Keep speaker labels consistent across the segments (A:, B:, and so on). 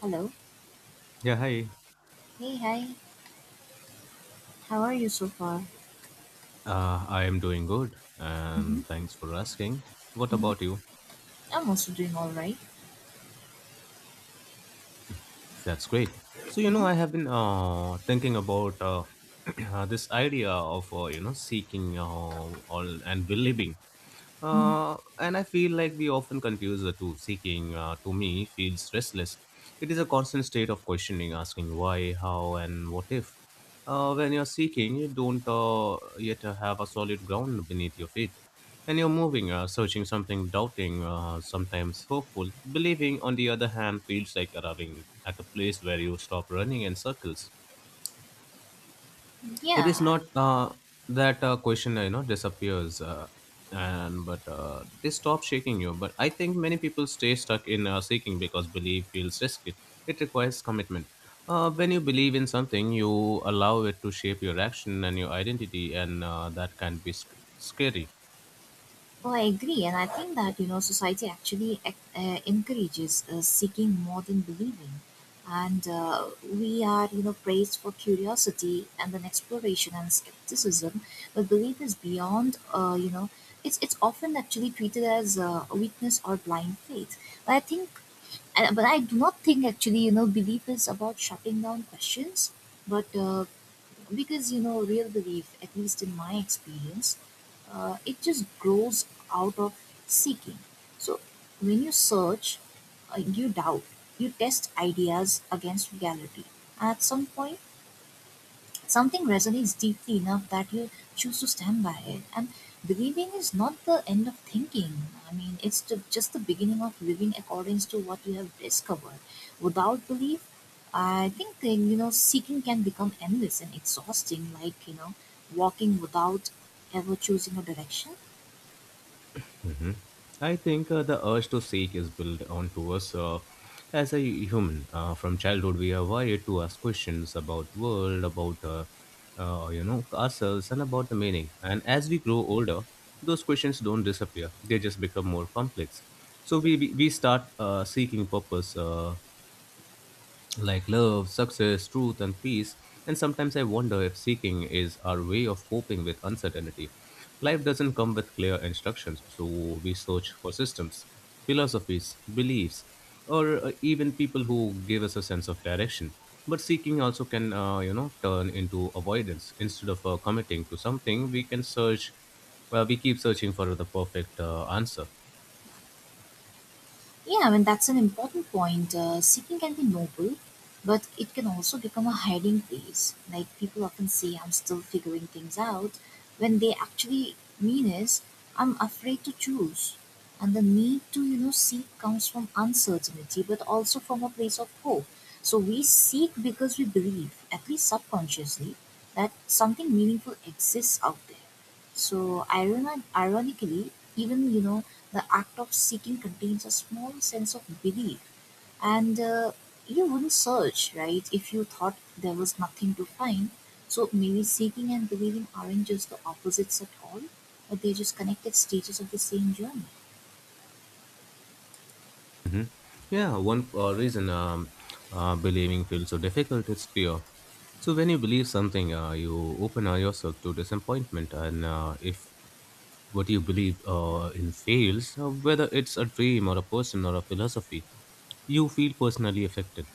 A: Hello.
B: Yeah, hi.
A: Hey, hi. How are you so far?
B: I am doing good,
A: Mhm,
B: and thanks for asking. What
A: mhm,
B: about you?
A: I'm also doing all right.
B: That's great. So you know,
A: Mhm,
B: I have been thinking about this idea of you know seeking all and believing,
A: mhm.
B: and I feel like we often confuse the two. Seeking, to me, feels restless. It is a constant state of questioning, asking why, how, and what if. When you're seeking, you don't yet have a solid ground beneath your feet. And you're moving, searching something, doubting, sometimes hopeful. Believing, on the other hand, feels like arriving at a place where you stop running in circles. It is
A: Yeah,
B: not that question, you know, disappears, and but they stop shaking you. But I think many people stay stuck in seeking because belief feels risky. It requires commitment. When you believe in something, you allow it to shape your action and your identity, and that can be scary.
A: well, I agree. And I think that, you know, society actually encourages seeking more than believing. And we are, you know, praised for curiosity and then exploration and skepticism. But belief is beyond, you know, it's often actually treated as a weakness or blind faith. But I think but I do not think actually, you know, belief is about shutting down questions, but because, you know, real belief, at least in my experience, it just grows out of seeking. So when you search, you doubt, you test ideas against reality. At some point, something resonates deeply enough that you choose to stand by it. And believing is not the end of thinking. It's just the beginning of living according to what you have discovered. Without belief, I think you know seeking can become endless and exhausting, like you know walking without ever choosing a direction.
B: I think the urge to seek is built onto us as a human. From childhood, we are wired to ask questions about world, about you know ourselves, and about the meaning. And as we grow older, those questions don't disappear; they just become more complex. So we start seeking purpose. Like love, success, truth, and peace. And sometimes I wonder if seeking is our way of coping with uncertainty. Life doesn't come with clear instructions, so we search for systems, philosophies, beliefs, or even people who give us a sense of direction. But seeking also can, you know, turn into avoidance. Instead of committing to something, we can well, we keep searching for the perfect answer.
A: Yeah, I mean, that's an important point. Seeking can be noble, but it can also become a hiding place. Like, people often say, I'm still figuring things out, when they actually mean is, I'm afraid to choose. And the need to, you know, seek comes from uncertainty, but also from a place of hope. So we seek because we believe, at least subconsciously, that something meaningful exists out there. So ironically, even you know the act of seeking contains a small sense of belief, and you wouldn't search, right, if you thought there was nothing to find. So maybe seeking and believing aren't just the opposites at all, but they're just connected stages of the same journey.
B: Yeah, one reason believing feels so difficult is fear. So when you believe something, you open yourself to disappointment, and if what you believe in fails, whether it's a dream or a person or a philosophy, you feel personally affected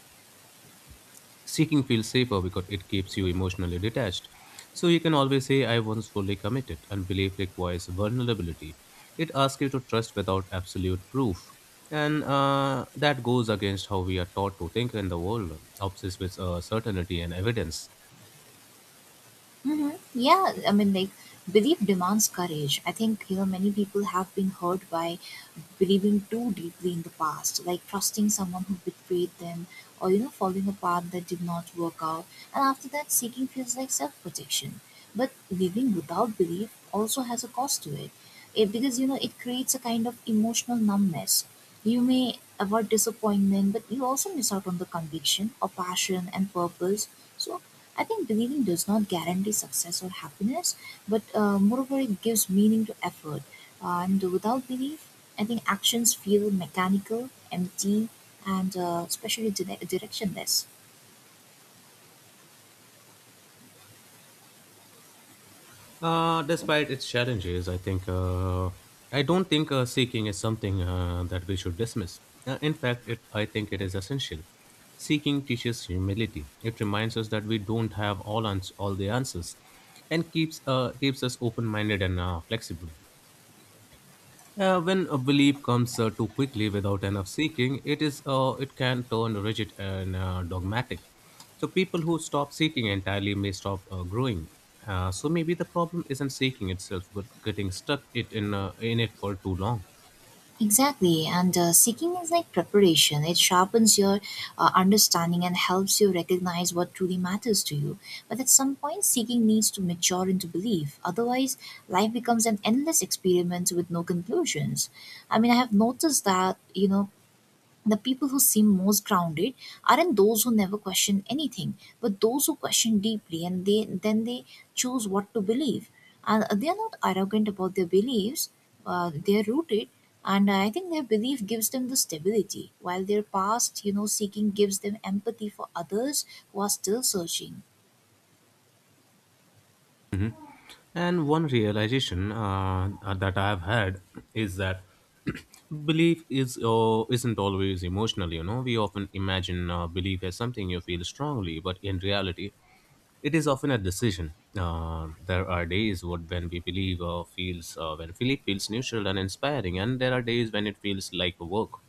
B: seeking feels safer because it keeps you emotionally detached. So you can always say, I was fully committed, and belief requires vulnerability. It asks you to trust without absolute proof. And that goes against how we are taught to think in the world, obsessed with certainty and evidence.
A: Mm-hmm. Yeah, I mean, like, belief demands courage. I think, you know, many people have been hurt by believing too deeply in the past, like trusting someone who betrayed them or, you know, following a path that did not work out. And after that, seeking feels like self protection. But living without belief also has a cost to it. It, because, you know, it creates a kind of emotional numbness. You may avoid disappointment, but you also miss out on the conviction or passion and purpose. So, I think believing does not guarantee success or happiness, but moreover, it gives meaning to effort. And without belief, I think actions feel mechanical, empty, and especially directionless.
B: Despite its challenges, I don't think seeking is something that we should dismiss. In fact, it I think it is essential. Seeking teaches humility. It reminds us that we don't have all the answers, and keeps us open minded and flexible. When a belief comes too quickly without enough seeking, it can turn rigid and dogmatic. So people who stop seeking entirely may stop growing. So maybe the problem isn't seeking itself, but getting stuck it in it for too long.
A: Exactly, and seeking is like preparation. It sharpens your understanding and helps you recognize what truly matters to you. But at some point, seeking needs to mature into belief. Otherwise, life becomes an endless experiment with no conclusions. I mean, I have noticed that, you know, the people who seem most grounded aren't those who never question anything but those who question deeply and they then they choose what to believe and they are not arrogant about their beliefs, they are rooted, and I think their belief gives them the stability while their past you know seeking gives them empathy for others who are still searching.
B: And one realization that I have had is that belief is isn't always emotional. You know, we often imagine belief as something you feel strongly, but in reality, it is often a decision. There are days what when we believe or feels when Philip feels neutral and inspiring, and there are days when it feels like a work.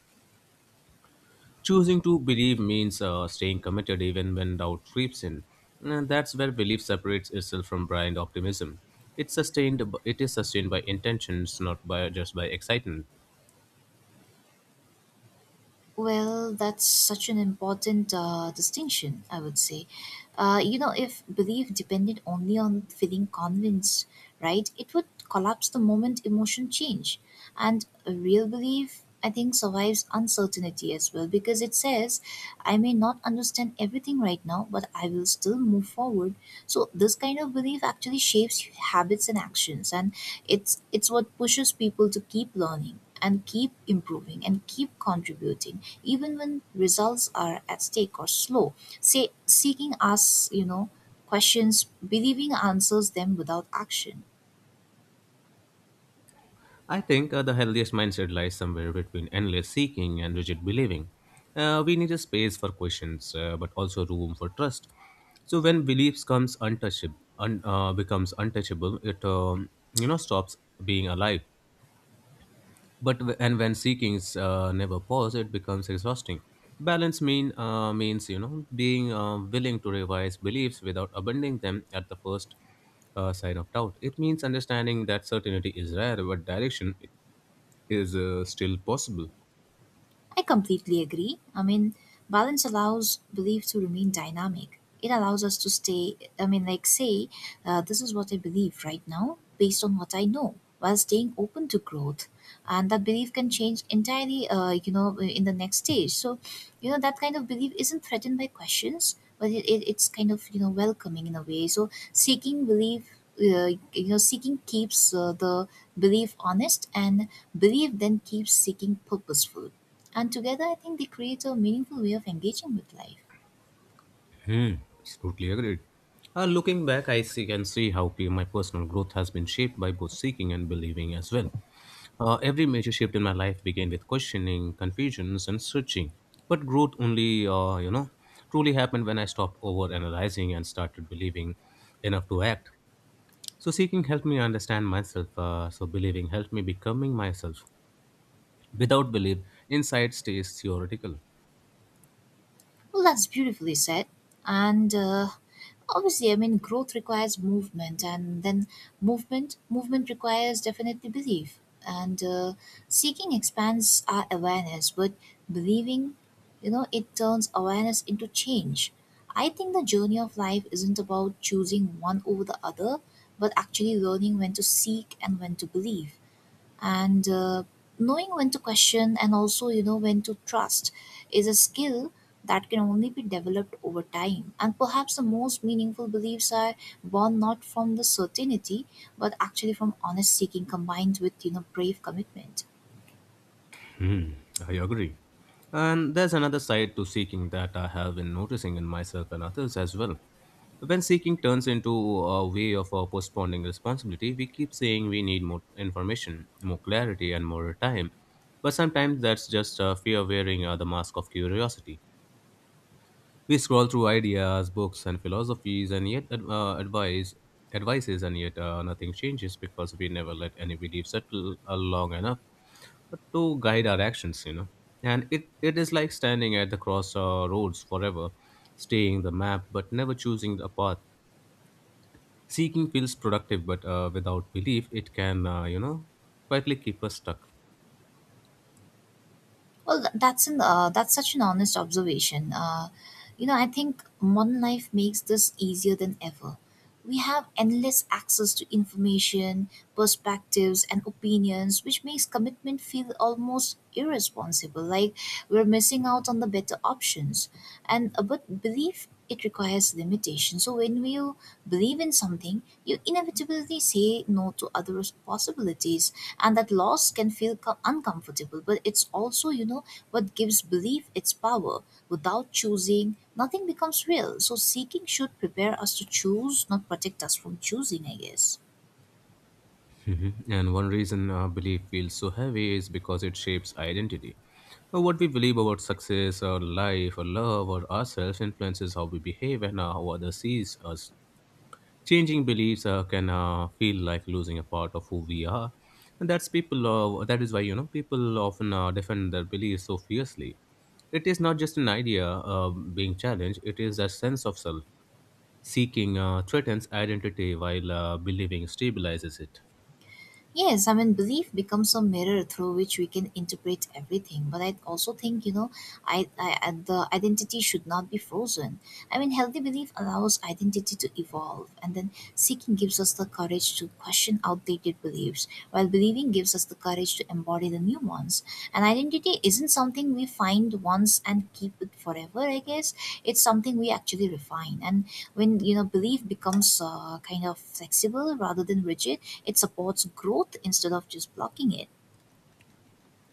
B: Choosing to believe means staying committed even when doubt creeps in, and that's where belief separates itself from blind optimism. It's sustained. It is sustained by intentions, not by just by excitement.
A: Well, that's such an important distinction, I would say. You know, if belief depended only on feeling convinced, right, it would collapse the moment emotion change. And a real belief, I think, survives uncertainty as well because it says, I may not understand everything right now, but I will still move forward. So, this kind of belief actually shapes habits and actions. And it's what pushes people to keep learning and keep improving and keep contributing even when results are at stake or slow. Say seeking us, you know, questions, believing answers them without action.
B: I think the healthiest mindset lies somewhere between endless seeking and rigid believing. We need a space for questions, but also room for trust. So when beliefs becomes untouchable, it you know stops being alive. But and when seekings never pause, it becomes exhausting. Balance means you know being willing to revise beliefs without abandoning them at the first sign of doubt. It means understanding that certainty is rare, but direction is still possible.
A: I completely agree. I mean, balance allows belief to remain dynamic. It allows us to stay, I mean, like, say, this is what I believe right now based on what I know while staying open to growth. And that belief can change entirely, you know, in the next stage. So, you know, that kind of belief isn't threatened by questions, but it's kind of, you know, welcoming in a way. So, seeking belief. You know, seeking keeps the belief honest, and belief then keeps seeking purposeful and together, I think they create a meaningful way of engaging with life.
B: Hmm, it's totally agreed. Looking back, I see can see how my personal growth has been shaped by both seeking and believing as well. Every major shift in my life began with questioning, confusions, and searching. But growth only, you know, truly happened when I stopped over analyzing and started believing enough to act. So seeking helped me understand myself. So believing helped me becoming myself. Without belief, insight stays theoretical.
A: Well, that's beautifully said. And obviously, I mean, growth requires movement, and then movement requires definitely belief. And seeking expands our awareness, but believing, you know, it turns awareness into change. I think the journey of life isn't about choosing one over the other, but actually learning when to seek and when to believe. And knowing when to question and also you know when to trust is a skill that can only be developed over time, and perhaps the most meaningful beliefs are born not from the certainty but actually from honest seeking combined with you know brave commitment.
B: Hmm, I agree. And there's another side to seeking that I have been noticing in myself and others as well. When seeking turns into a way of postponing responsibility, we keep saying we need more information, more clarity, and more time. But sometimes that's just fear wearing the mask of curiosity. We scroll through ideas, books, and philosophies, and yet advices, and yet nothing changes because we never let any belief settle long enough but to guide our actions, you know. And it is like standing at the crossroads forever, staying the map but never choosing the path. Seeking feels productive, but without belief, it can, you know, quietly keep us stuck.
A: Well, that's an that's such an honest observation. You know, I think modern life makes this easier than ever. We have endless access to information, perspectives, and opinions, which makes commitment feel almost irresponsible. Like we're missing out on the better options, and but belief it requires limitation. So when we believe in something, you inevitably say no to other possibilities, and that loss can feel uncomfortable. But it's also, you know, what gives belief its power. Without choosing, nothing becomes real. So seeking should prepare us to choose, not protect us from choosing, I guess.
B: Mhm. And one reason belief feels so heavy is because it shapes identity. What we believe about success or life or love or ourselves influences how we behave and how others sees us. Changing beliefs can feel like losing a part of who we are, and that's people that is why you know people often defend their beliefs so fiercely. It is not just an idea being challenged, it is a sense of self. Seeking threatens identity while believing stabilizes it.
A: Yes, I mean, belief becomes a mirror through which we can interpret everything. But I also think, you know, the identity should not be frozen. I mean, healthy belief allows identity to evolve, and then seeking gives us the courage to question outdated beliefs, while believing gives us the courage to embody the new ones. And identity isn't something we find once and keep it forever, I guess. It's something we actually refine. And when you know belief becomes kind of flexible rather than rigid, it supports growth instead of just blocking it.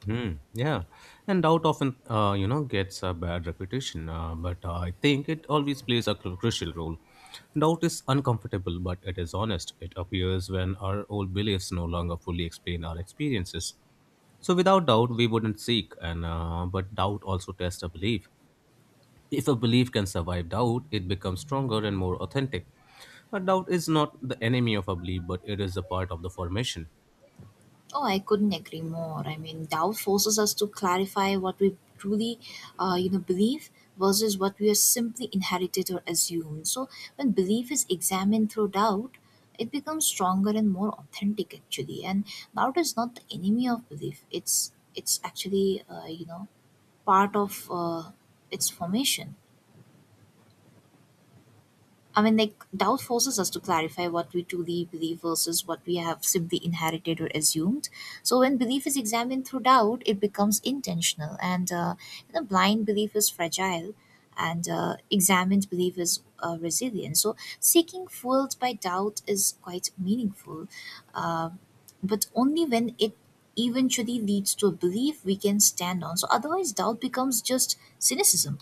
B: Hmm. Yeah, and doubt often, you know, gets a bad reputation. But I think it always plays a crucial role. Doubt is uncomfortable, but it is honest. It appears when our old beliefs no longer fully explain our experiences. So without doubt, we wouldn't seek. And but doubt also tests a belief. If a belief can survive doubt, it becomes stronger and more authentic. A doubt is not the enemy of a belief, but it is a part of the formation.
A: Oh, I couldn't agree more. I mean doubt forces us to clarify what we truly, you know, believe versus what we are simply inherited or assumed. So when belief is examined through doubt it becomes stronger and more authentic actually, and doubt is not the enemy of belief, it's actually, you know, part of its formation. I mean, like, doubt forces us to clarify what we truly believe versus what we have simply inherited or assumed. So, when belief is examined through doubt, it becomes intentional, and you know, blind belief is fragile, and examined belief is resilient. So, seeking fueled by doubt is quite meaningful, uh, but only when it eventually leads to a belief we can stand on. So, otherwise, doubt becomes just cynicism.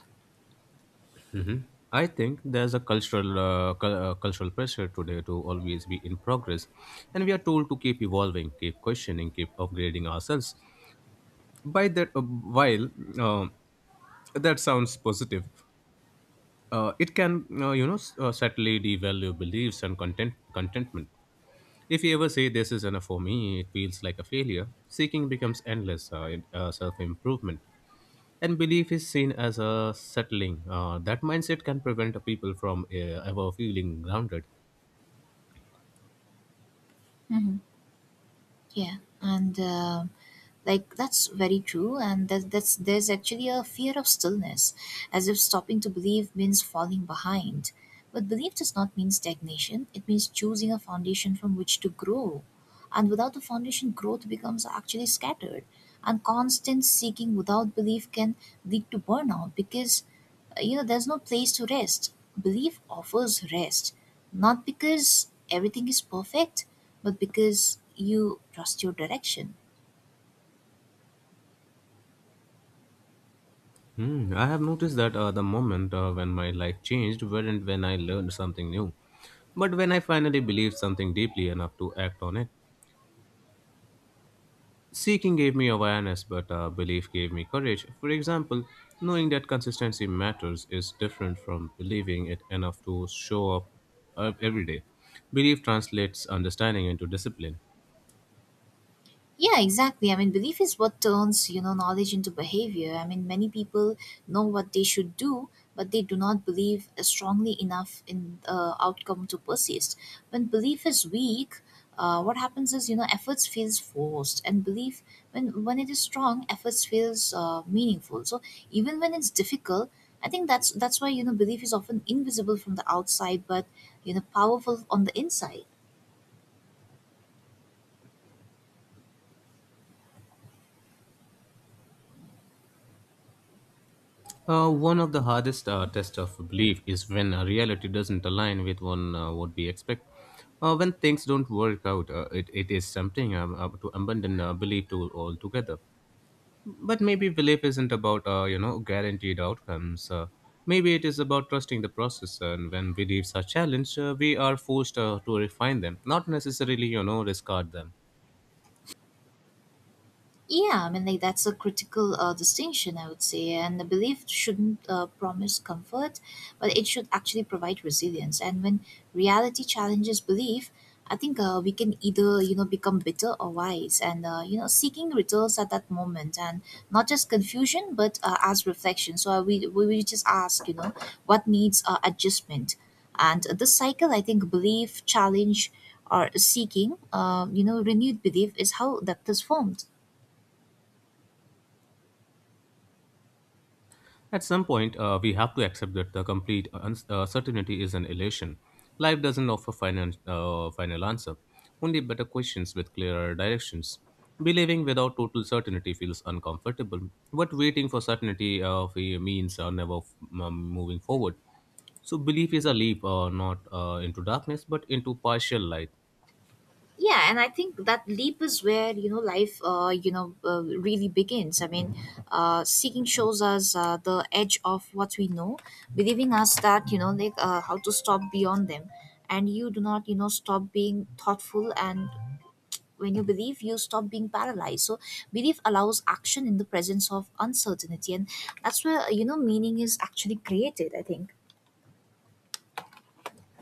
B: I think there's a cultural pressure today to always be in progress, and we are told to keep evolving, keep questioning, keep upgrading ourselves. By that, while uh, that sounds positive, it can you know subtly devalue beliefs and contentment. If you ever say this is enough for me, it feels like a failure. Seeking becomes endless self improvement, and belief is seen as a settling. That mindset can prevent people from ever feeling grounded.
A: hmm Yeah, and like that's very true, and that's there's actually a fear of stillness, as if stopping to believe means falling behind, but belief does not mean stagnation, it means choosing a foundation from which to grow. And without the foundation growth becomes actually scattered, and constant seeking without belief can lead to burnout because, you know, there's no place to rest. Belief offers rest not because everything is perfect but because you trust your direction.
B: Hmm, I have noticed that the moment when my life changed weren't when I learned something new, but when I finally believed something deeply enough to act on it. Seeking gave me awareness, but belief gave me courage. For example, knowing that consistency matters is different from believing it enough to show up every day. Belief translates understanding into discipline.
A: Yeah, exactly. I mean, belief is what turns, you know, knowledge into behavior. I mean, many people know what they should do, but they do not believe strongly enough in outcome to persist. When belief is weak, what happens is, you know, efforts feels forced, and belief when it is strong, efforts feels meaningful. So even when it's difficult, I think that's why you know belief is often invisible from the outside, but you know, powerful on the inside.
B: One of the hardest tests of belief is when reality doesn't align with one what we expect. When things don't work out, it is something to abandon belief to altogether. But maybe belief isn't about you know guaranteed outcomes. Maybe it is about trusting the process. And when beliefs are challenged, we are forced to refine them, not necessarily you know discard them.
A: Yeah, I mean, like that's a critical distinction, I would say. And the belief shouldn't promise comfort, but it should actually provide resilience. And when reality challenges belief, I think we can either you know become bitter or wise, and you know seeking returns at that moment, and not just confusion, but as reflection. So we just ask, you know, what needs adjustment, and this cycle, I think, belief, challenge, or seeking, you know, renewed belief is how that is formed.
B: At some point, we have to accept that the complete certainty is an illusion. Life doesn't offer final answer, only better questions with clearer directions. Believing without total certainty feels uncomfortable, but waiting for certainty means never f- moving forward. So, belief is a leap, not into darkness, but into partial light.
A: Yeah, and I think that leap is where you know life, you know, really begins. I mean seeking shows us the edge of what we know, believing us that you know like how to stop beyond them. And you do not you know stop being thoughtful, and when you believe you stop being paralyzed. So belief allows action in the presence of uncertainty, and that's where you know meaning is actually created, I think.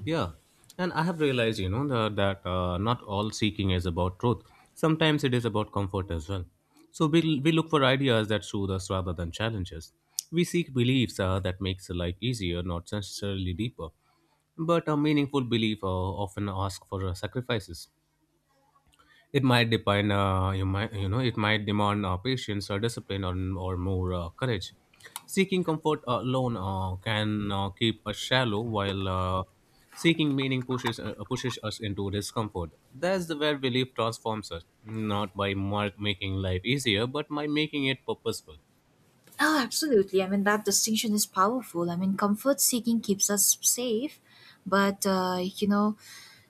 B: Yeah, and I have realized, you know, that not all seeking is about truth. Sometimes it is about comfort as well. So we look for ideas that soothe us rather than challenges. We seek beliefs that makes life easier, not necessarily deeper. But a meaningful belief often asks for sacrifices. It might you might, you know, it might demand patience or or more courage. Seeking comfort alone can keep us shallow, while seeking meaning pushes us into discomfort. That's the where belief transforms us, not by mark making life easier, but by making it purposeful.
A: Oh, absolutely. I mean, that distinction is powerful. I mean, comfort seeking keeps us safe, but,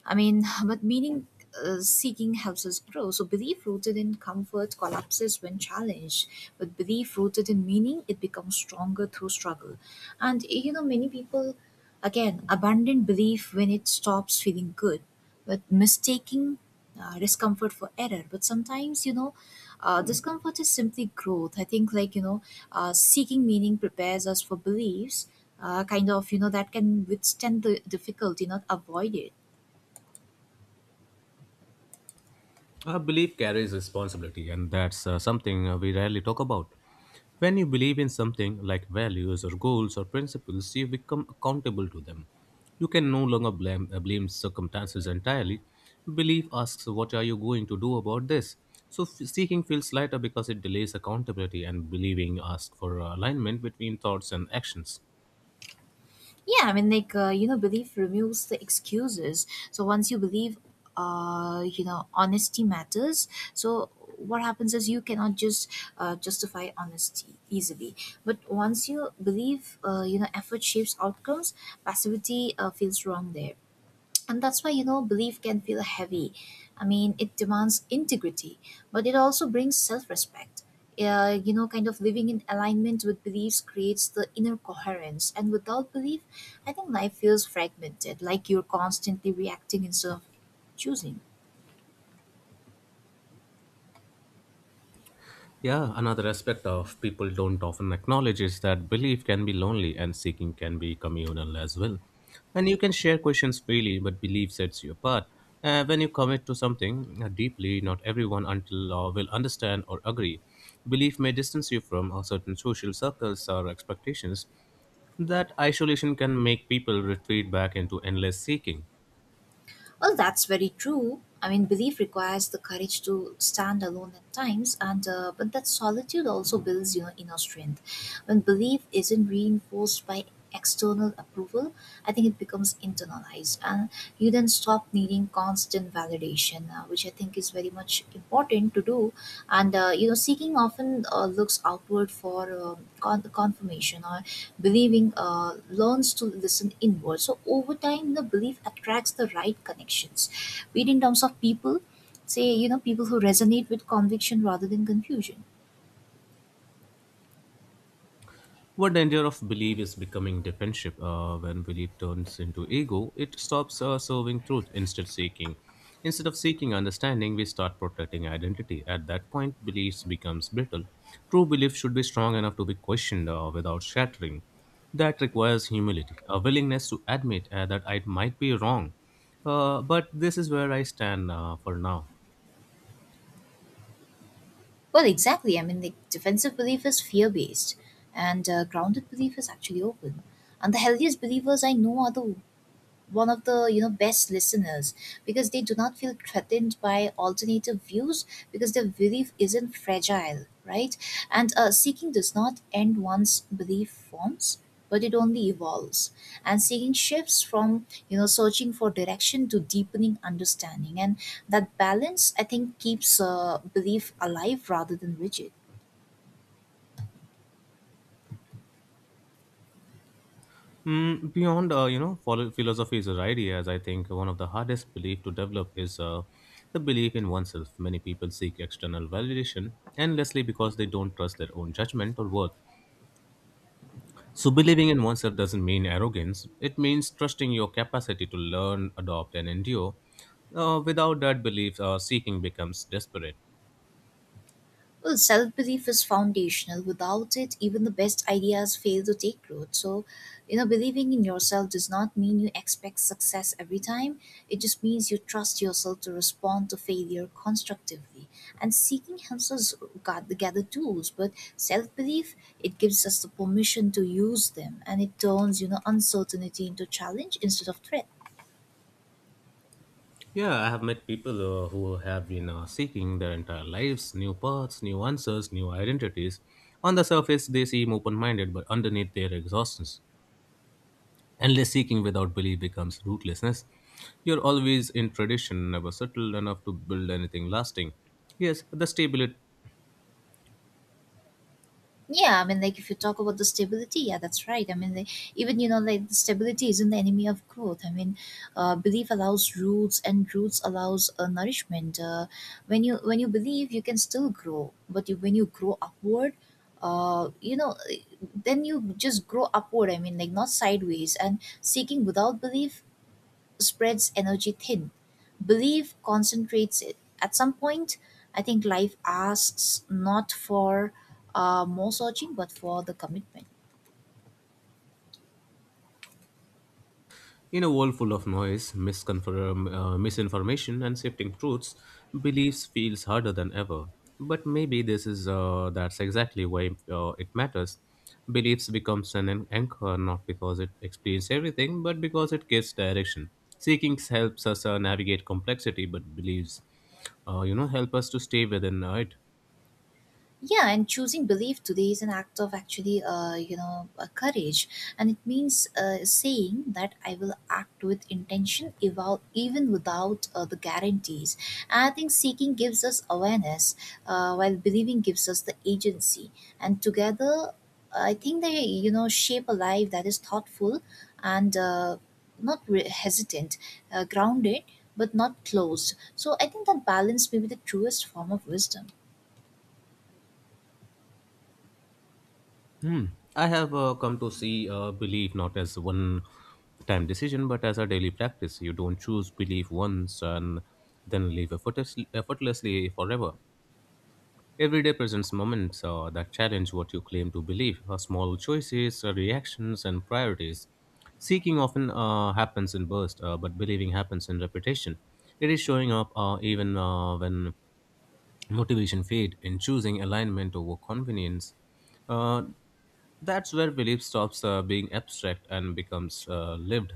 A: I mean, but meaning seeking helps us grow. So, belief rooted in comfort collapses when challenged, but belief rooted in meaning, it becomes stronger through struggle. And, many people, again, abandon belief when it stops feeling good, but mistaking discomfort for error. But sometimes, discomfort is simply growth. I think, seeking meaning prepares us for beliefs, kind of, that can withstand the difficulty, not avoid it.
B: Our belief carries responsibility, and that's something we rarely talk about. When you believe in something like values or goals or principles, you become accountable to them. You can no longer blame, blame circumstances entirely. Belief asks, what are you going to do about this? Seeking feels lighter because it delays accountability, and believing asks for alignment between thoughts and actions.
A: Yeah, I mean, belief removes the excuses. So once you believe, honesty matters. So what happens is you cannot just justify honesty easily. But once you believe, effort shapes outcomes, passivity feels wrong there. And that's why, belief can feel heavy. I mean, it demands integrity, but it also brings self-respect. Kind of living in alignment with beliefs creates the inner coherence. And without belief, I think life feels fragmented, like you're constantly reacting instead of choosing.
B: Yeah, another aspect of people don't often acknowledge is that belief can be lonely and seeking can be communal as well. And you can share questions freely, but belief sets you apart. When you commit to something deeply, not everyone until will understand or agree. Belief may distance you from certain social circles or expectations. That isolation can make people retreat back into endless seeking.
A: Well, that's very true. I mean, belief requires the courage to stand alone at times, and but that solitude also builds, inner strength. When belief isn't reinforced by external approval, I think it becomes internalized, and you then stop needing constant validation, which I think is very much important to do. And seeking often looks outward for confirmation, or believing learns to listen inward. So over time, the belief attracts the right connections, be it in terms of people, say, people who resonate with conviction rather than confusion.
B: One danger of belief is becoming defensive. When belief turns into ego, it stops serving truth instead seeking. Instead of seeking understanding, we start protecting identity. At that point, beliefs becomes brittle. True belief should be strong enough to be questioned without shattering. That requires humility, a willingness to admit that I might be wrong. But this is where I stand for now.
A: Well, exactly. I mean, like, defensive belief is fear based, and grounded belief is actually open. And the healthiest believers I know are the one of the, best listeners, because they do not feel threatened by alternative views, because their belief isn't fragile, right? And seeking does not end, one's belief forms, but it only evolves. And seeking shifts from, searching for direction to deepening understanding, and that balance, I think, keeps belief alive rather than rigid.
B: Beyond follow philosophies or ideas, I think one of the hardest belief to develop is the belief in oneself. Many people seek external validation endlessly because they don't trust their own judgment or worth. So believing in oneself doesn't mean arrogance. It means trusting your capacity to learn, adopt, and endure. Without that belief, seeking becomes desperate.
A: Well, self belief is foundational. Without it, even the best ideas fail to take root. So, believing in yourself does not mean you expect success every time. It just means you trust yourself to respond to failure constructively. And seeking helps us gather tools, but self belief, it gives us the permission to use them, and it turns, uncertainty into challenge instead of threat.
B: Yeah, I have met people who have been seeking their entire lives, new paths, new answers, new identities. On the surface, they seem open minded, but underneath their exhaustion, endless seeking without belief becomes rootlessness. You're always in tradition, never settled enough to build anything lasting. Yes, the stability.
A: Yeah, I mean, like, if you talk about the stability, yeah, that's right. I mean, like, even, the stability isn't the enemy of growth. I mean, belief allows roots, and roots allows nourishment. When you believe, you can still grow, but you, when you grow upward, uh, you know, then you just grow upward. I mean, like, not sideways. And seeking without belief spreads energy thin. Belief concentrates it. At some point, I think life asks not for more searching, but for the commitment.
B: In a world full of noise, misinformation, and shifting truths, beliefs feels harder than ever. But maybe this is that's exactly why it matters. Beliefs becomes an anchor not because it explains everything, but because it gives direction. Seeking helps us navigate complexity, but beliefs, help us to stay within it.
A: Yeah, and choosing belief today is an act of actually, courage. And it means, saying that I will act with intention, even without the guarantees. And I think seeking gives us awareness, while believing gives us the agency. And together, I think they, shape a life that is thoughtful, and not re- hesitant, grounded but not closed. So I think that balance may be the truest form of wisdom.
B: Hmm. I have come to see belief not as one time decision, but as a daily practice. You don't choose belief once and then live effortlessly forever. Every day presents moments that challenge what you claim to believe, small choices, reactions, and priorities. Seeking often happens in bursts, but believing happens in repetition. It is showing up even when motivation fades in choosing alignment over convenience. Uh, that's where belief stops being abstract and becomes lived.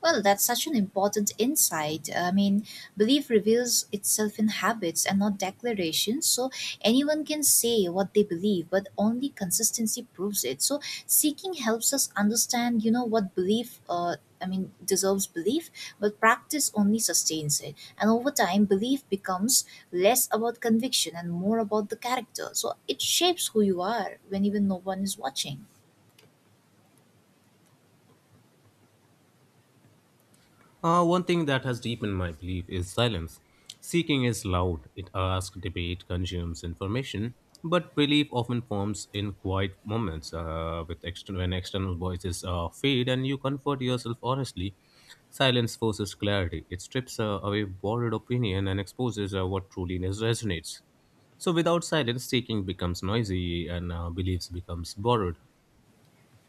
A: Well, that's such an important insight. I mean, belief reveals itself in habits and not declarations. So anyone can say what they believe, but only consistency proves it. So seeking helps us understand, you know, what belief. I mean, deserves belief, but practice only sustains it. And over time, belief becomes less about conviction and more about the character. So it shapes who you are when even no one is watching.
B: One thing that has deepened my belief is silence. Seeking is loud, it asks, debate, consumes information, but belief often forms in quiet moments when external voices fade and you comfort yourself honestly. Silence forces clarity, it strips away borrowed opinion and exposes what truly resonates. So without silence, seeking becomes noisy and beliefs becomes borrowed.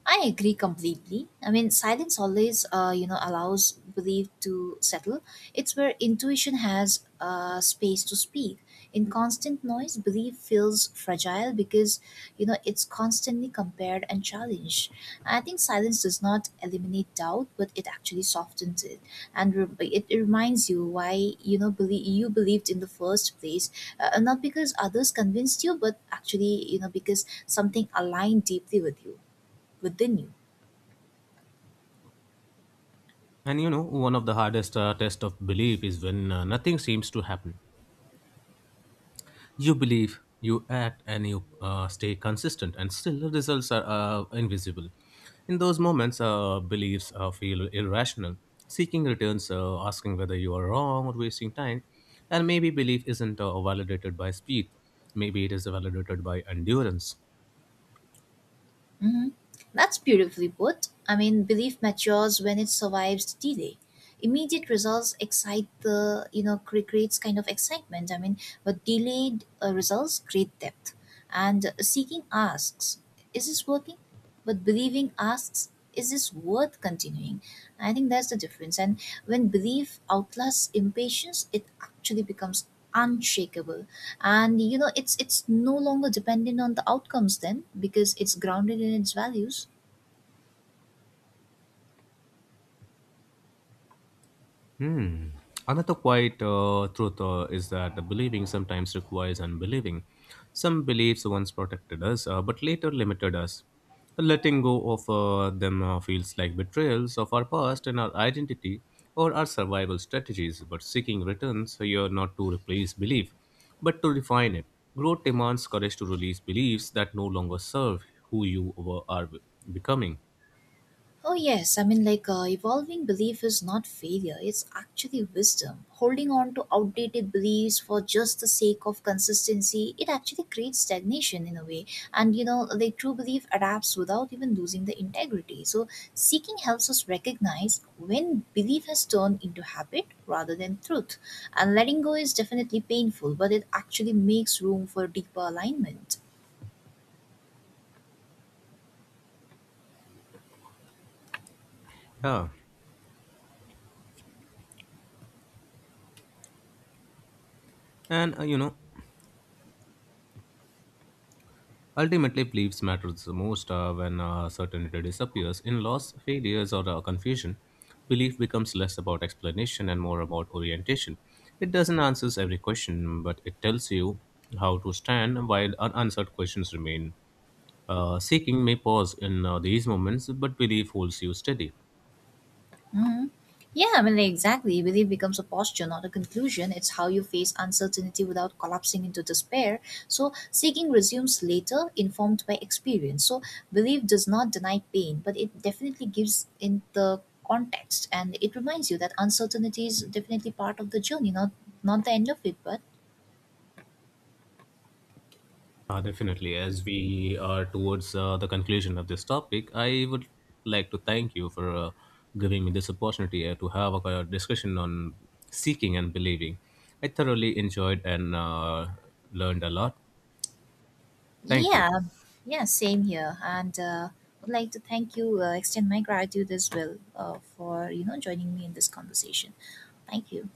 A: I agree completely. I mean, silence always, allows belief to settle. It's where intuition has space to speak. In constant noise, belief feels fragile because, it's constantly compared and challenged. I think silence does not eliminate doubt, but it actually softens it, and it reminds you why, you believed in the first place, not because others convinced you, but actually, because something aligned deeply with you within you.
B: And you know, one of the hardest tests of belief is when nothing seems to happen. You believe, you act, and you stay consistent, and still the results are invisible. In those moments, beliefs feel irrational. Seeking returns, asking whether you are wrong or wasting time, and maybe belief isn't validated by speed. Maybe it is validated by endurance.
A: Mhm. That's beautifully put. I mean, belief matures when it survives delay. Immediate results excite the, creates kind of excitement. I mean, but delayed results create depth. And seeking asks, is this working? But believing asks, is this worth continuing? I think that's the difference. And when belief outlasts impatience, it actually becomes unshakable. And you know, it's no longer dependent on the outcomes then, because it's grounded in its values.
B: Hmm. Another quiet truth is that the believing sometimes requires unbelieving. Some beliefs once protected us, but later limited us. Letting go of them feels like betrayals of our past and our identity or our survival strategies. But seeking returns here not to replace belief, but to refine it. Growth demands courage to release beliefs that no longer serve who you are becoming.
A: Oh, yes. I mean, like, evolving belief is not failure, it's actually wisdom. Holding on to outdated beliefs for just the sake of consistency, it actually creates stagnation in a way. And, true belief adapts without even losing the integrity. So, seeking helps us recognize when belief has turned into habit rather than truth. And letting go is definitely painful, but it actually makes room for deeper alignment.
B: Yeah. And ultimately, beliefs matters the most when certainty disappears. In loss, failures, or confusion, belief becomes less about explanation and more about orientation. It doesn't answers every question, but it tells you how to stand while unanswered questions remain. Seeking may pause in these moments, but belief holds you steady.
A: Hmm. Yeah, I mean, like, exactly. Belief becomes a posture, not a conclusion. It's how you face uncertainty without collapsing into despair. So, seeking resumes later, informed by experience. So, belief does not deny pain, but it definitely gives in the context, and it reminds you that uncertainty is definitely part of the journey, not the end of it. But
B: Definitely. As we are towards the conclusion of this topic, I would like to thank you for giving me this opportunity to have a discussion on seeking and believing. I thoroughly enjoyed and learned a lot. Thank you.
A: yeah, yeah, same here. And would like to thank you, extend my gratitude as well for, joining me in this conversation. Thank you.